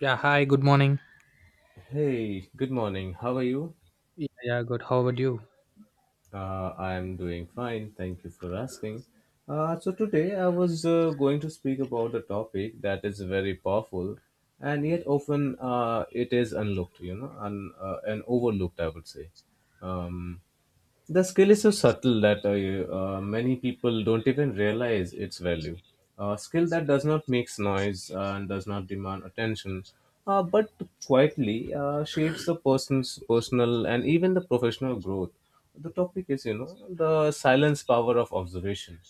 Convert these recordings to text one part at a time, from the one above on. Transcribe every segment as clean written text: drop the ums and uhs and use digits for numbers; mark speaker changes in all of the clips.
Speaker 1: Yeah, hi, good morning.
Speaker 2: Hey, good morning. How are you?
Speaker 1: Yeah, yeah, good. How about you?
Speaker 2: I'm doing fine. Thank you for asking. Today I was going to speak about a topic that is very powerful and yet often it is unlooked, you know, and overlooked, I would say. Um, the skill is so subtle that many people don't even realize its value. A skill that does not make noise and does not demand attention, but quietly shapes the person's personal and even the professional growth. The topic is, you know, the silence power of observation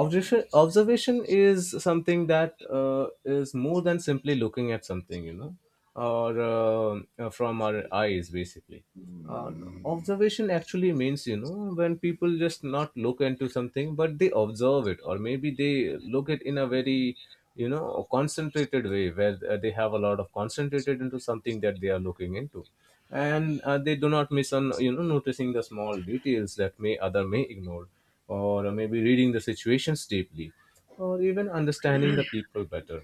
Speaker 2: observation observation Is something that is more than simply looking at something, you know, or from our eyes basically. uh, Observation actually means, you know, when people just not look into something but they observe it, or maybe they look at in a very, you know, concentrated way where they have a lot of concentrated into something that they are looking into, and they do not miss on, you know, noticing the small details that may other may ignore, or maybe reading the situations deeply, or even understanding the people better.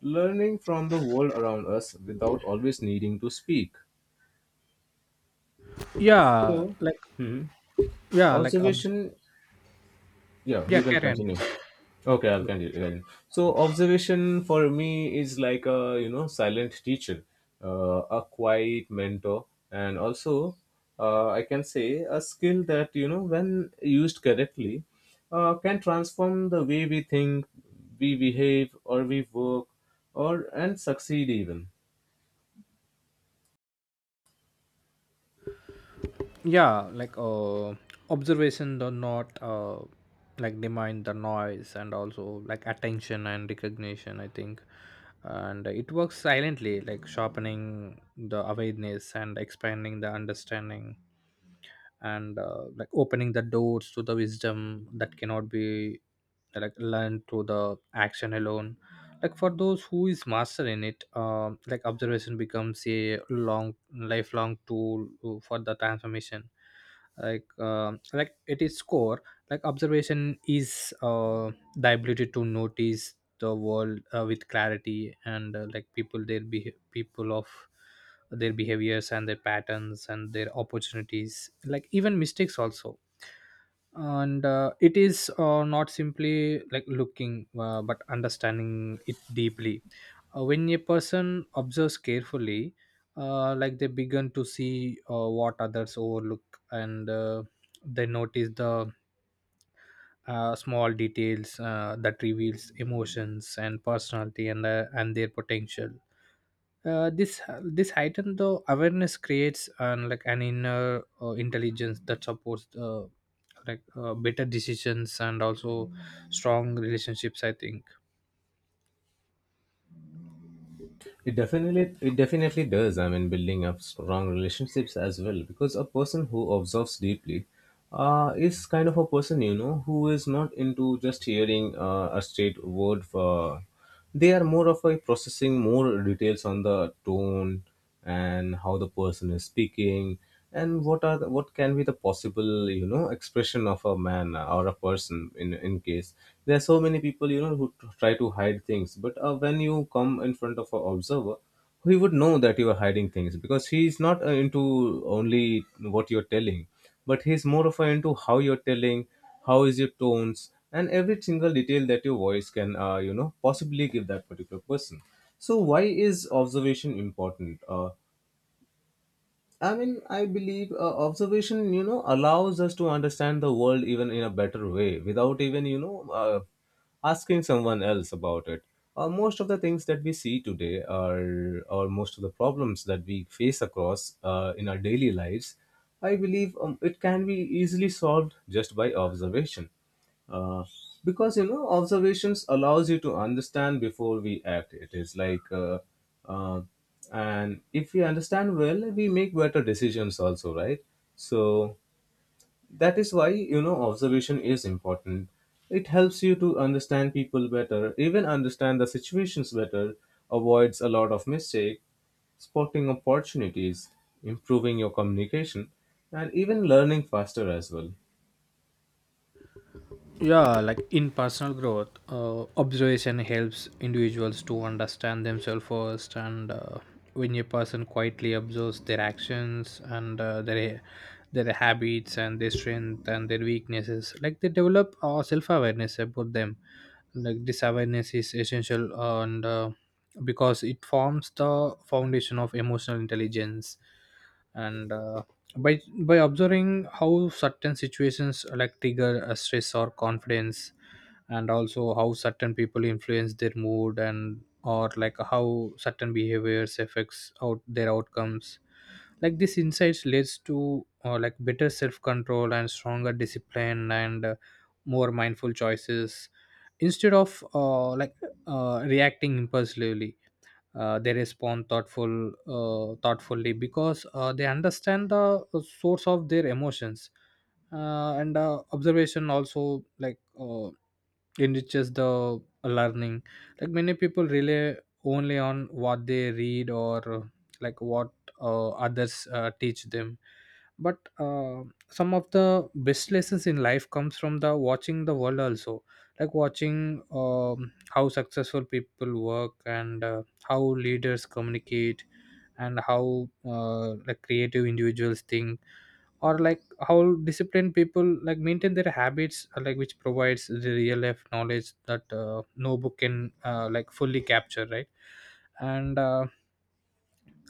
Speaker 2: Learning from the world around us without always needing to speak.
Speaker 1: yeah
Speaker 2: So,
Speaker 1: like
Speaker 2: hmm,
Speaker 1: yeah like obs-
Speaker 2: Observation. Yeah,
Speaker 1: Yeah,
Speaker 2: you can
Speaker 1: Karen.
Speaker 2: continue. Okay, I'll continue then. So observation for me is like a, you know, silent teacher, a quiet mentor, and also I can say a skill that, you know, when used correctly, can transform the way we think, we behave or we work, or and succeed even.
Speaker 1: Yeah, observation do not like demand the noise and also like attention and recognition, I think, and it works silently, like sharpening the awareness and expanding the understanding, and like opening the doors to the wisdom that cannot be like learned through the action alone. Like for those who is master in it, like observation becomes a long lifelong tool for the transformation. Like at its core, like observation is the ability to notice the world with clarity, and like people, people of their behaviors and their patterns and their opportunities, like even mistakes also. And it is not simply like looking but understanding it deeply. When a person observes carefully, like they begin to see what others overlook, and they notice the small details that reveals emotions and personality and their potential. This heightened the awareness creates an like an inner intelligence that supports like better decisions and also strong relationships, I think.
Speaker 2: It definitely does. I mean, building up strong relationships as well, because a person who observes deeply is kind of a person, you know, who is not into just hearing a straight word. For they are more of a processing more details on the tone and how the person is speaking and what are the, what can be the possible, you know, expression of a man or a person in case there are so many people, you know, who try to hide things, but when you come in front of an observer, he would know that you are hiding things because he is not into only what you're telling, but he's more of a into how you're telling, how is your tones and every single detail that your voice can you know, possibly give that particular person. So why is observation important? I mean, I believe observation, you know, allows us to understand the world even in a better way without even, you know, asking someone else about it. Most of the things that we see today are, or most of the problems that we face across in our daily lives, I believe it can be easily solved just by observation, uh, because, you know, observations allows you to understand before we act. It is like uh, and if we understand well, we make better decisions also, right? So that is why, you know, observation is important. It helps you to understand people better, even understand the situations better, avoids a lot of mistake, spotting opportunities, improving your communication, and even learning faster as well.
Speaker 1: Yeah, like in personal growth, observation helps individuals to understand themselves first. And when a person quietly observes their actions and their habits and their strength and their weaknesses, like they develop self awareness about them. Like this awareness is essential, and because it forms the foundation of emotional intelligence and. By by observing how certain situations like trigger a stress or confidence, and also how certain people influence their mood, and or like how certain behaviors affects out their outcomes, like this insights leads to like better self-control and stronger discipline and more mindful choices, instead of reacting impulsively. They respond thoughtfully because they understand the source of their emotions. And Observation also enriches the learning. Like many people rely only on what they read, or like what others teach them. But some of the best lessons in life comes from the watching the world also, like watching how successful people work, and how leaders communicate, and how like creative individuals think, or like how disciplined people like maintain their habits, like which provides the real life knowledge that no book can like fully capture, right? And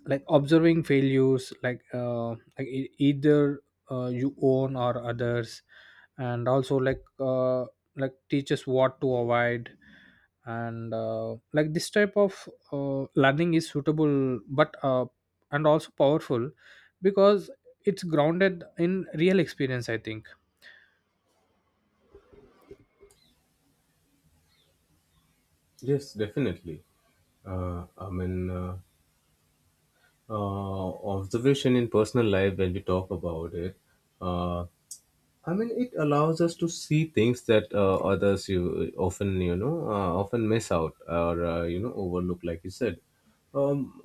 Speaker 1: like observing failures, like either you own or others, and also like teaches what to avoid. And like this type of learning is suitable, but and also powerful, because it's grounded in real experience, I think.
Speaker 2: Yes, definitely. I mean, uh, observation in personal life, when we talk about it, uh, I mean, it allows us to see things that others you often, you know, often miss out, or, you know, overlook, like you said. Um,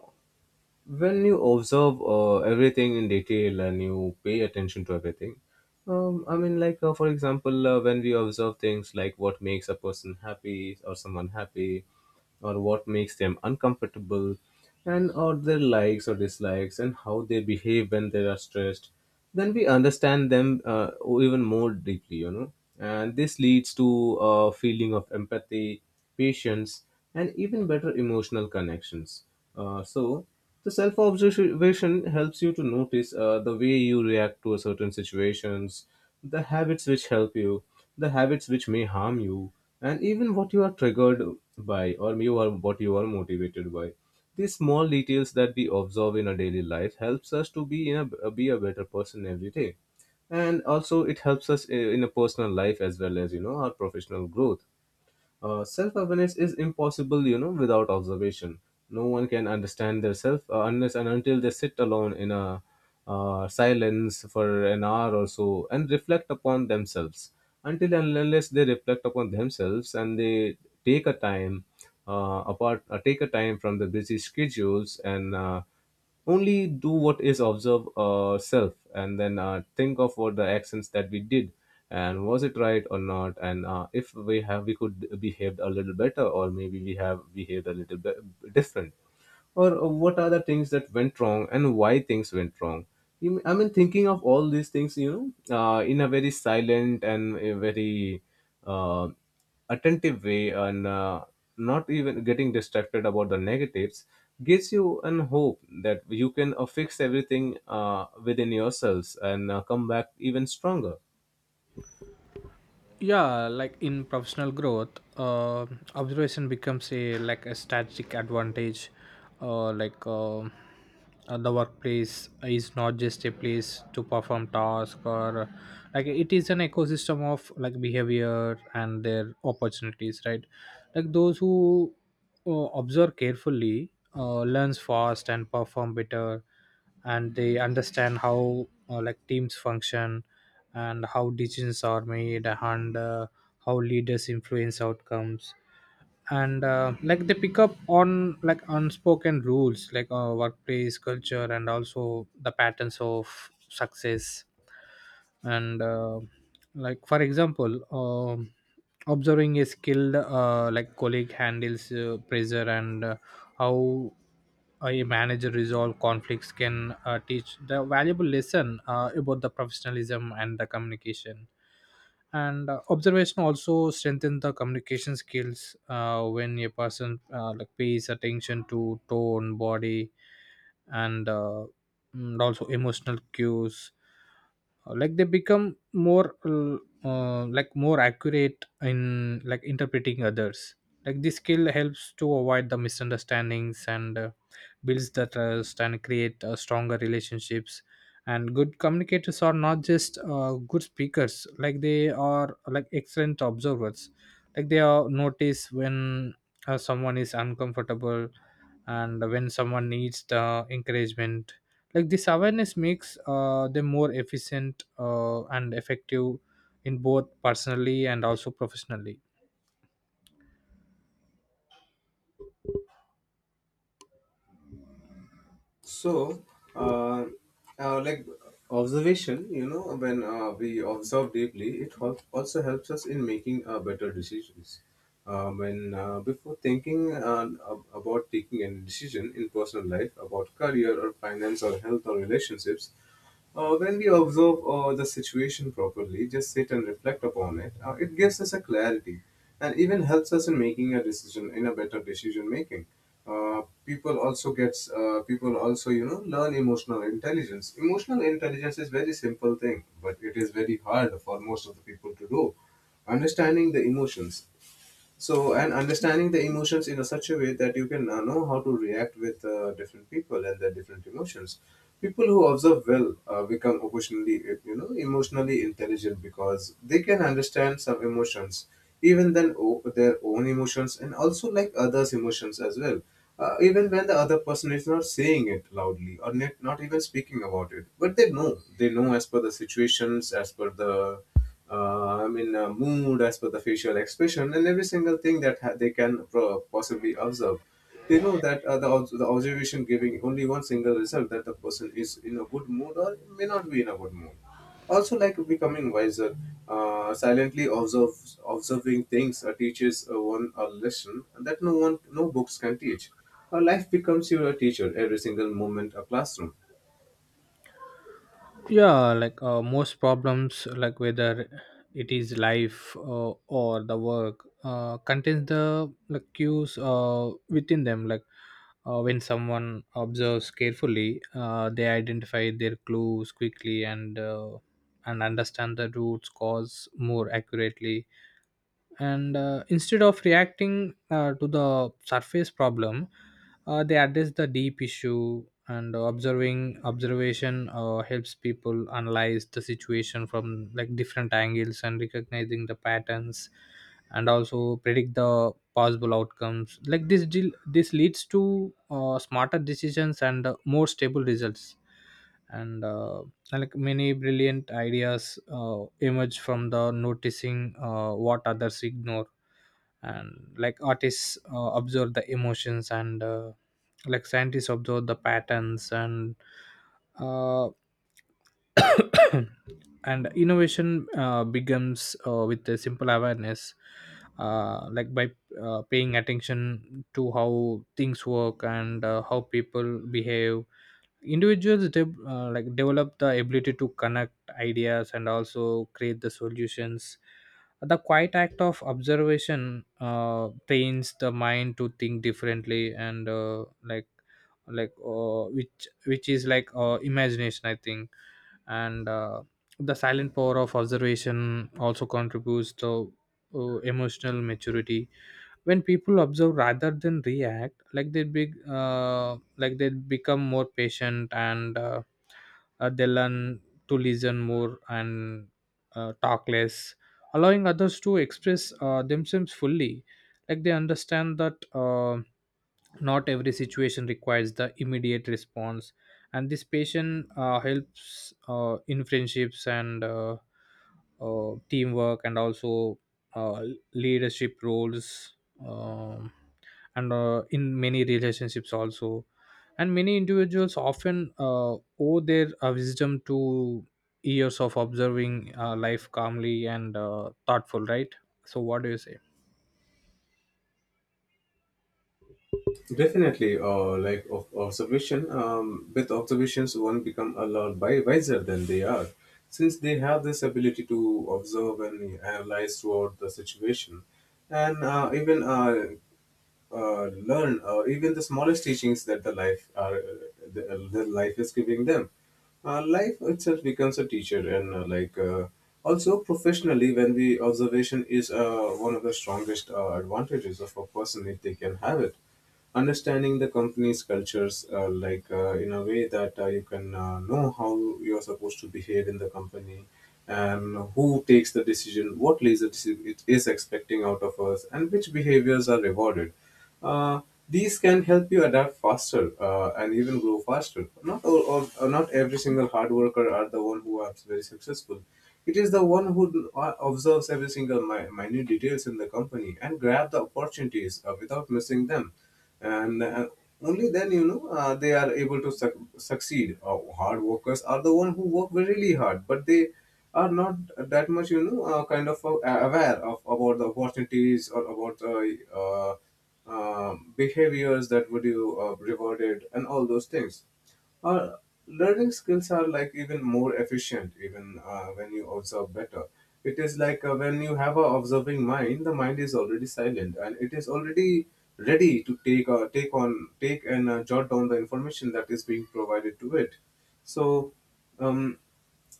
Speaker 2: when you observe everything in detail and you pay attention to everything, I mean, like for example, when we observe things like what makes a person happy or someone happy, or what makes them uncomfortable, and or their likes or dislikes and how they behave when they are stressed, then we understand them even more deeply, you know, and this leads to a feeling of empathy, patience, and even better emotional connections. So the self observation helps you to notice the way you react to a certain situations, the habits which help you, the habits which may harm you, and even what you are triggered by or you are what you are motivated by. These small details that we observe in our daily life helps us to be in a, be a better person every day, and also it helps us in a personal life as well as, you know, our professional growth. Self awareness is impossible, you know, without observation. No one can understand their self unless and until they sit alone in a silence for an hour or so and reflect upon themselves, until and unless they reflect upon themselves and they take a time apart, take a time from the busy schedules and only do what is observe ourself and then think of what the actions that we did and was it right or not, and if we have we could behaved a little better or maybe we have behaved a little bit different, or what are the things that went wrong and why things went wrong. You, I mean, thinking of all these things, you know, in a very silent and a very uh, attentive way, and not even getting distracted about the negatives gives you an hope that you can fix everything within yourselves and come back even stronger.
Speaker 1: Yeah, like in professional growth, uh, observation becomes a like a strategic advantage. The workplace is not just a place to perform tasks, or like it is an ecosystem of like behavior and their opportunities, right? Like those who observe carefully learns fast and perform better, and they understand how like teams function, and how decisions are made, and how leaders influence outcomes. And like they pick up on like unspoken rules, like workplace culture and also the patterns of success. And like for example, observing a skilled like colleague handles pressure, and how a manager resolve conflicts can teach the valuable lesson about the professionalism and the communication. And observation also strengthen the communication skills. When a person like pays attention to tone body, and and also emotional cues, like they become more like more accurate in like interpreting others. Like this skill helps to avoid the misunderstandings, and builds the trust, and create stronger relationships. And good communicators are not just good speakers, like they are like excellent observers. Like they are notice when someone is uncomfortable, and when someone needs the encouragement. Like this awareness makes them more efficient and effective in both personally and also professionally.
Speaker 2: So, uh, like observation, you know, when we observe deeply, it also helps us in making better decisions. When before thinking about taking a decision in personal life about career or finance or health or relationships, when we observe the situation properly, just sit and reflect upon it, it gives us a clarity and even helps us in making a decision in a better decision making. People also gets people also, you know, learn emotional intelligence. Emotional intelligence is very simple thing, but it is very hard for most of the people to do. Understanding the emotions, so and understanding the emotions in a such a way that you can know how to react with different people and their different emotions. People who observe well become occasionally you know, emotionally intelligent because they can understand some emotions, even then their own emotions and also like others emotions as well, even when the other person is not saying it loudly or not, not even speaking about it, but they know, they know as per the situations, as per the I mean, mood, as per the facial expression and every single thing that they can possibly observe. They know that the, the observation giving only one single result, that the person is in a good mood or may not be in a good mood. Also, like becoming wiser, uh, silently observe, observing things teaches one a lesson that no one, no books can teach. Our life becomes your teacher, every single moment a classroom.
Speaker 1: Yeah, like most problems, like whether it is life or the work, contains the like cues within them. Like when someone observes carefully, they identify their clues quickly, and understand the roots cause more accurately. And instead of reacting to the surface problem, they address the deep issue. And observing observation helps people analyze the situation from like different angles, and recognizing the patterns, and also predict the possible outcomes. Like this leads to smarter decisions and more stable results. And like many brilliant ideas emerge from the noticing what others ignore. And like artists observe the emotions, and like scientists observe the patterns, and uh, and innovation begins with a simple awareness. Like by paying attention to how things work, and how people behave, individuals like develop the ability to connect ideas and also create the solutions. The quiet act of observation trains the mind to think differently, and which is like imagination, I think. And the silent power of observation also contributes to emotional maturity. When people observe rather than react, like they become more patient, and they learn to listen more and talk less, allowing others to express themselves fully. Like they understand that not every situation requires the immediate response. And this patient helps in friendships and teamwork, and also uh, leadership roles, um, and in many relationships also. And many individuals often owe their wisdom to years of observing life calmly and thoughtful, right? So what do you say?
Speaker 2: Definitely, like of observation. With observations, one become a lot wiser than they are, since they have this ability to observe and analyze throughout the situation, and even learn even the smallest teachings that the life are, the life is giving them. Life itself becomes a teacher, and also professionally, when the observation is one of the strongest advantages of a person if they can have it, understanding the company's cultures in a way that you can know how you're supposed to behave in the company and who takes the decision, what leadership it is expecting out of us and which behaviors are rewarded. uh, these can help you adapt faster and even grow faster. Not all, not every single hard worker are the one who are very successful. It is the one who observes every single minute details in the company and grab the opportunities without missing them. And only then, you know, they are able to succeed. Hard workers are the one who work really hard, but they are not that much, you know, kind of aware of about the opportunities or about uh, behaviors that would you rewarded and all those things. Uh, Learning skills are like even more efficient even when you observe better. It is like when you have a observing mind, the mind is already silent and it is already ready to take take on take and jot down the information that is being provided to it. So, um,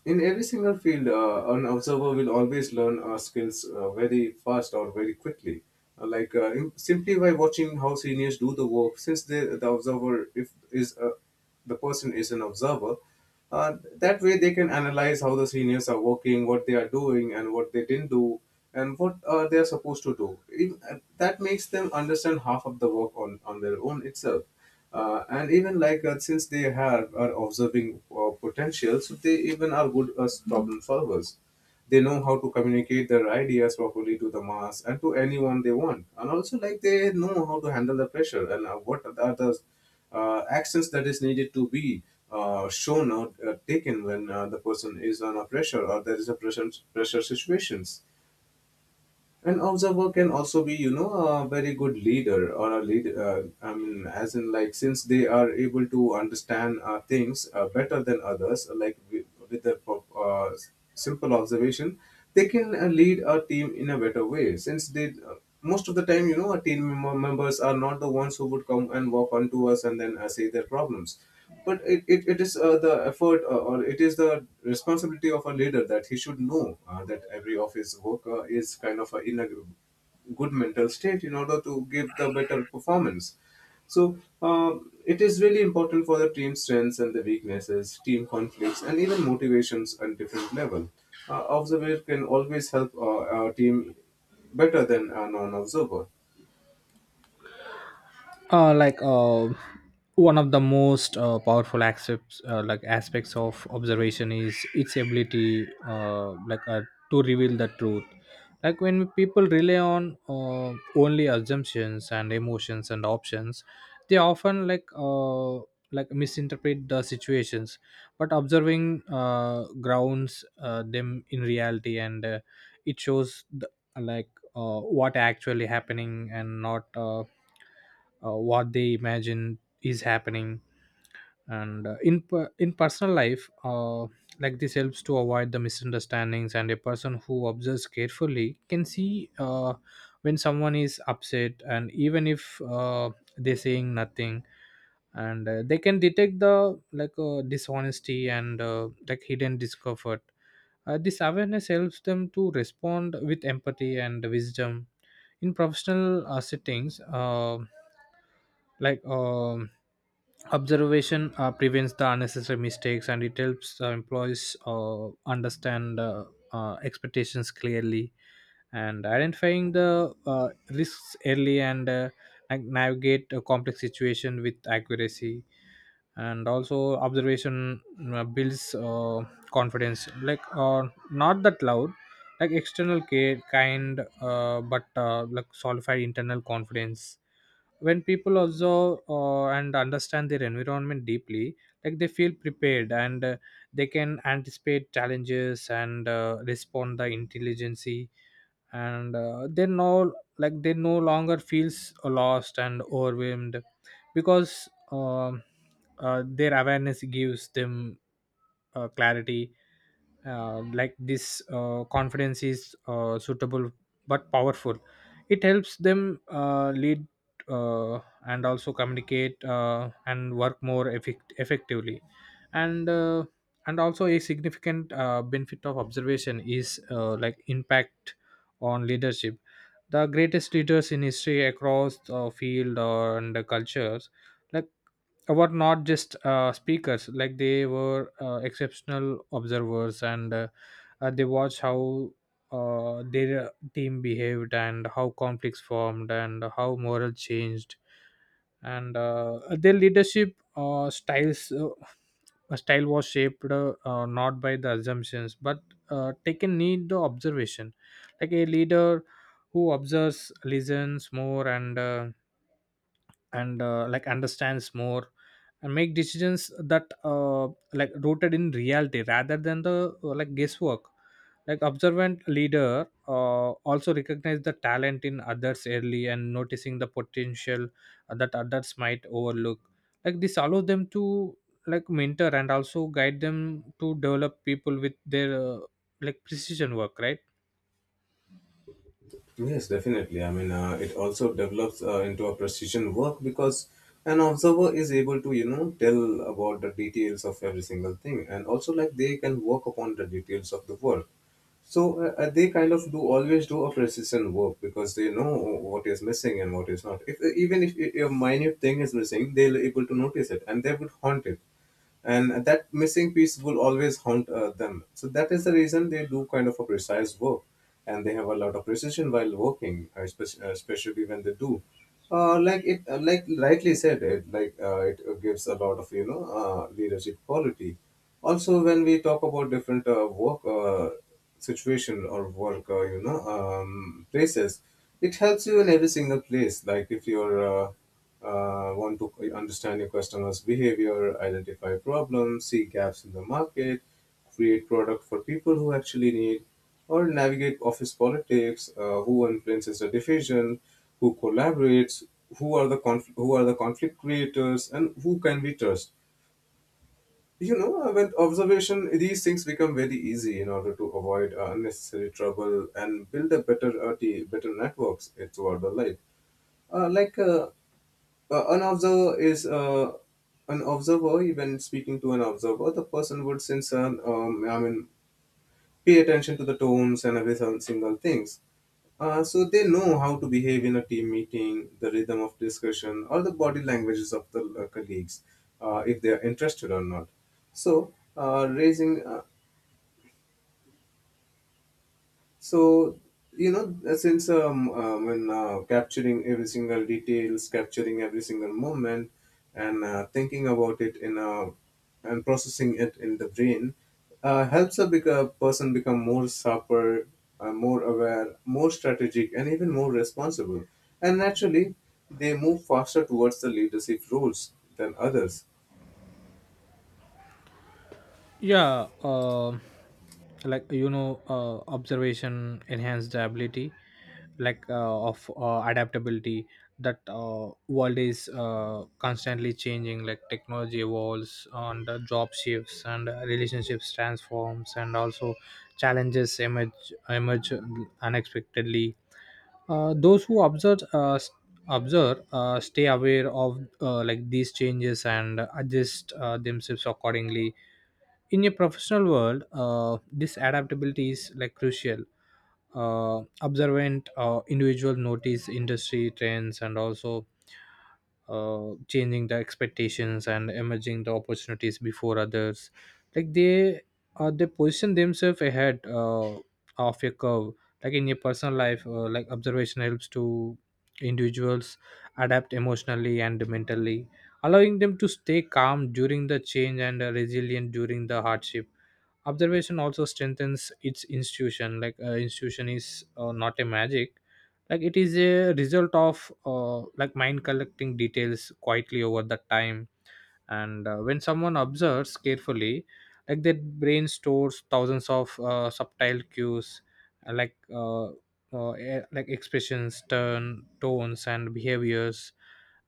Speaker 2: in every single field, an observer will always learn skills very fast or very quickly. Simply by watching how seniors do the work, since the observer if is a, the person is an observer, that way they can analyze how the seniors are working, what they are doing, and what they didn't do, and what they are supposed to do. That makes them understand half of the work on their own itself and even like since they have are observing potential, so they even are good as problem solvers. They know how to communicate their ideas properly to the mass and to anyone they want, and also like they know how to handle the pressure and what are the actions that is needed to be shown or taken when the person is under pressure or there is a pressure situations. An observer can also be, you know, a very good leader or a lead. I mean, as in, like, since they are able to understand things better than others, like with their simple observation, they can lead a team in a better way. Since most of the time, you know, our team members are not the ones who would come and walk onto us and then say their problems. But it is the effort, or it is the responsibility of a leader that he should know that every office worker is kind of in a good mental state in order to give the better performance. So it is really important for the team strengths and the weaknesses, team conflicts, and even motivations at different level. Observer can always help our team better than a non-observer.
Speaker 1: uh, like uh, One of the most powerful aspects, aspects of observation is its ability, to reveal the truth. Like when people rely on only assumptions and emotions and options, they often like misinterpret the situations. But observing grounds them in reality, and it shows the, like what actually happening, and not what they imagine is happening. And in personal life, like this helps to avoid the misunderstandings. And a person who observes carefully can see when someone is upset, and even if they're saying nothing. And they can detect the dishonesty and like hidden discomfort. This awareness helps them to respond with empathy and wisdom in professional settings. uh, like um Observation prevents the unnecessary mistakes, and it helps employees uh, understand expectations clearly, and identifying the uh, risks early, and navigate a complex situation with accuracy. And also observation builds confidence, not that loud like external care kind, but like solidified internal confidence. When people observe and understand their environment deeply, like they feel prepared, and they can anticipate challenges, and respond the intelligency. And they no like they no longer feels lost and overwhelmed, because their awareness gives them clarity. Like this confidence is suitable but powerful. It helps them lead uh, and also communicate and work more effectively. And also, a significant benefit of observation is like impact on leadership. The greatest leaders in history across the field, or and the cultures, like were not just speakers, like they were exceptional observers, and they watched how their team behaved, and how conflicts formed, and how moral changed. And their leadership style was shaped, not by the assumptions, but taken need the observation. Like a leader who observes listens more, and like understands more, and make decisions that like rooted in reality rather than the like guesswork. Like observant leader also recognize the talent in others early, and noticing the potential that others might overlook. Like this allows them to like mentor and also guide them to develop people with their like precision work, right?
Speaker 2: Yes, definitely. I mean, it also develops into a precision work because an observer is able to, you know, tell about the details of every single thing, and also like they can work upon the details of the work. So they kind of do always do a precision work because they know what is missing and what is not. If Even if a minute thing is missing, they'll able to notice it and they would haunt it, and that missing piece will always haunt them. So that is the reason they do kind of a precise work, and they have a lot of precision while working, especially when they do. Like it, like Rightly said, it gives a lot of, you know, leadership quality also when we talk about different work situation or work places. It helps you in every single place, like if you're want to understand your customers behavior, identify problems, see gaps in the market, create product for people who actually need, or navigate office politics. Who influences the division, who collaborates, who are the who are the conflict creators, and who can we trust? You know, with observation, these things become very easy in order to avoid unnecessary trouble and build a better better networks throughout the life. Uh, like uh, an observer is an observer. When speaking to an observer, the person would sense an I mean, pay attention to the tones and every single things. So they know how to behave in a team meeting, the rhythm of discussion, or the body languages of the colleagues, if they are interested or not. So raising so You know, since when capturing every single details, capturing every single moment, and thinking about it in a and processing it in the brain helps a bigger person become more sharper, more aware, more strategic, and even more responsible, and naturally they move faster towards the leadership roles than others.
Speaker 1: Yeah. Like you know, observation enhanced ability of adaptability. That world is constantly changing, like technology evolves, and the job shifts, and relationships transforms, and also challenges emerge unexpectedly. Those who observe stay aware of like these changes and adjust themselves accordingly. In your professional world, this adaptability is like crucial. Observant individual notice industry trends, and also changing the expectations and emerging the opportunities before others. Like they position themselves ahead of a curve. Like in your personal life, like observation helps to individuals adapt emotionally and mentally, allowing them to stay calm during the change, and resilient during the hardship. Observation also strengthens its institution. Like institution is not a magic, like it is a result of like mind collecting details quietly over the time. And when someone observes carefully, like their brain stores thousands of subtle cues, uh, like uh, like expressions turn tones and behaviors,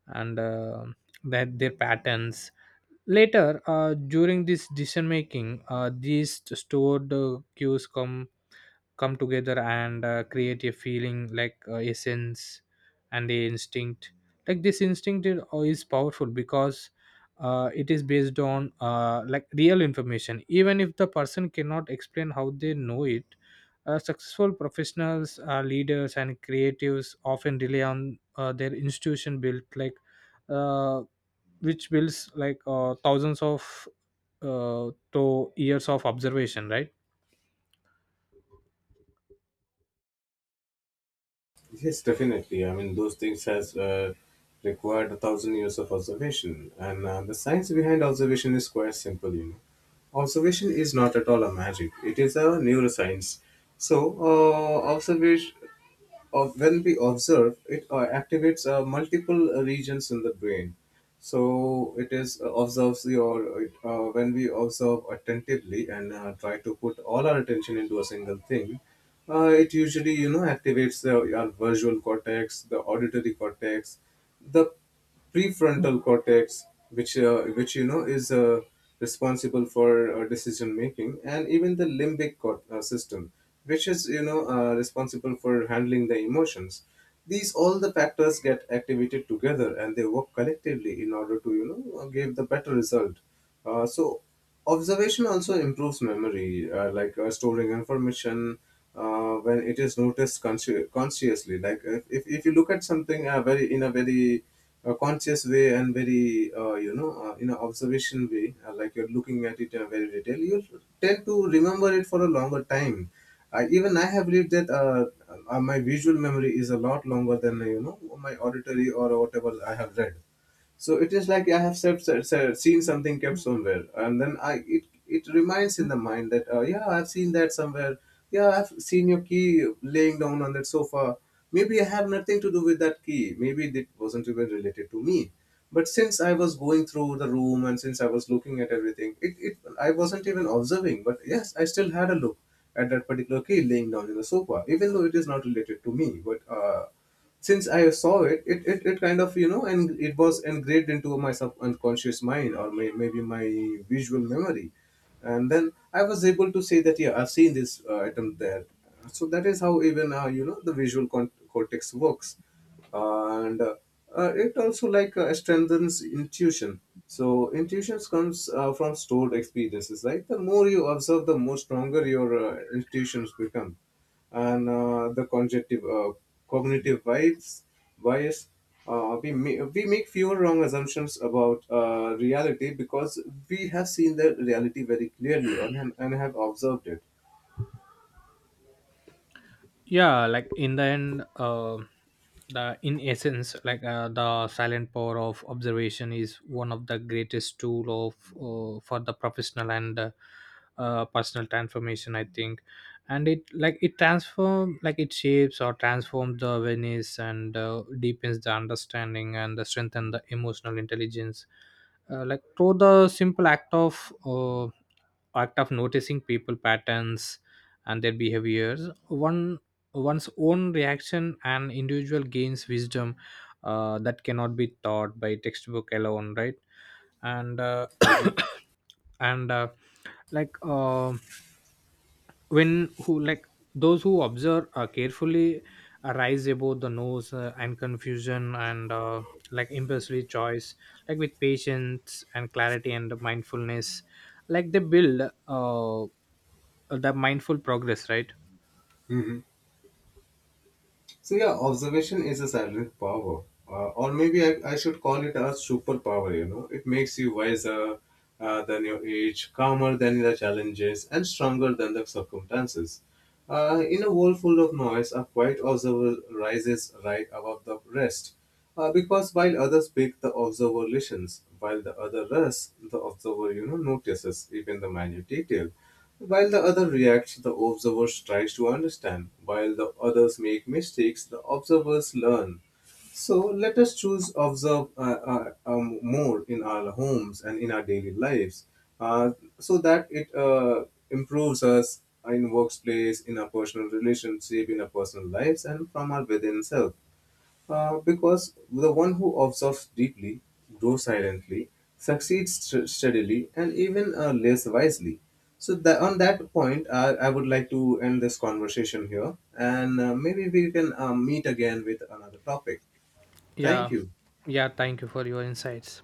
Speaker 1: and their patterns. Later during this decision making, these stored cues come together and create a feeling, like a sense and a instinct. Like this instinct is powerful, because it is based on like real information, even if the person cannot explain how they know it. Successful professionals, leaders, and creatives often rely on their institution built, uh, which builds like thousands of to years of observation, right?
Speaker 2: Yes, definitely. I mean, those things has required a thousand years of observation, and the science behind observation is quite simple. You know, observation is not at all a magic; it is a neuroscience. So, observation, when we observe, it activates multiple regions in the brain. So it is observes when we observe attentively and try to put all our attention into a single thing. It usually, you know, activates our visual cortex, the auditory cortex, the prefrontal cortex, which you know is responsible for decision making, and even the limbic system, which is, you know, responsible for handling the emotions. These all the factors get activated together and they work collectively in order to, you know, give the better result. uh, so Observation also improves memory, like storing information when it is noticed consciously. Like if you look at something very in a very conscious way and very, you know, in an observation way, like you're looking at it in a very detail, you tend to remember it for a longer time. Even I have read that my visual memory is a lot longer than, you know, my auditory or whatever I have read. So it is like I have seen something kept somewhere, and then I it it reminds in the mind that, yeah, I've seen that somewhere. Yeah, I've seen your key laying down on that sofa. Maybe I have nothing to do with that key. Maybe it wasn't even related to me. But since I was going through the room and since I was looking at everything, it I wasn't even observing. But yes, I still had a look at that particular key laying down in the sofa, even though it is not related to me. But since I saw it, it kind of, you know, and it was engraved into my subconscious mind or maybe my visual memory. And then I was able to say that, yeah, I've seen this item there. So that is how even, you know, the visual cortex works. And It also strengthens intuition. So intuitions comes from stored experiences, right? The more you observe, the more stronger your intuitions become. And the cognitive cognitive bias, we make fewer wrong assumptions about reality because we have seen the reality very clearly and have observed it.
Speaker 1: Yeah, like in the end, the in essence, the silent power of observation is one of the greatest tool of for the professional and personal transformation, I think. And it like it transform like it shapes or transforms the awareness, and deepens the understanding, and the strengthen the emotional intelligence. Like through the simple act of noticing people patterns and their behaviors, one one's own reaction, and individual gains wisdom that cannot be taught by textbook alone, right? And
Speaker 2: Mhm.
Speaker 1: and like when who like those who observe carefully arise above the nose, and confusion, and like impulsive choice. Like with patience and clarity and mindfulness, like they build uh, the mindful progress, right?
Speaker 2: Mhm. So yeah, observation is a silent power, or maybe I should call it a superpower. You know, it makes you wiser than your age, calmer than the challenges, and stronger than the circumstances. In a world full of noise, a quiet observer rises right above the rest, because while others speak, the observer listens. While the other rests, the observer, you know, notices even the minute detail. While the other reacts, the observer tries to understand. While the others make mistakes, the observers learn. So let us choose observe more in our homes and in our daily lives, uh, so that it improves us in workplace, in our personal relationship, in our personal lives, and from our within self. Because the one who observes deeply, grows silently, steadily, and even lives wisely. So that on that point, I would like to end this conversation here, and maybe we can meet again with another topic. Thank
Speaker 1: Yeah.
Speaker 2: you.
Speaker 1: Yeah. Thank you for your insights.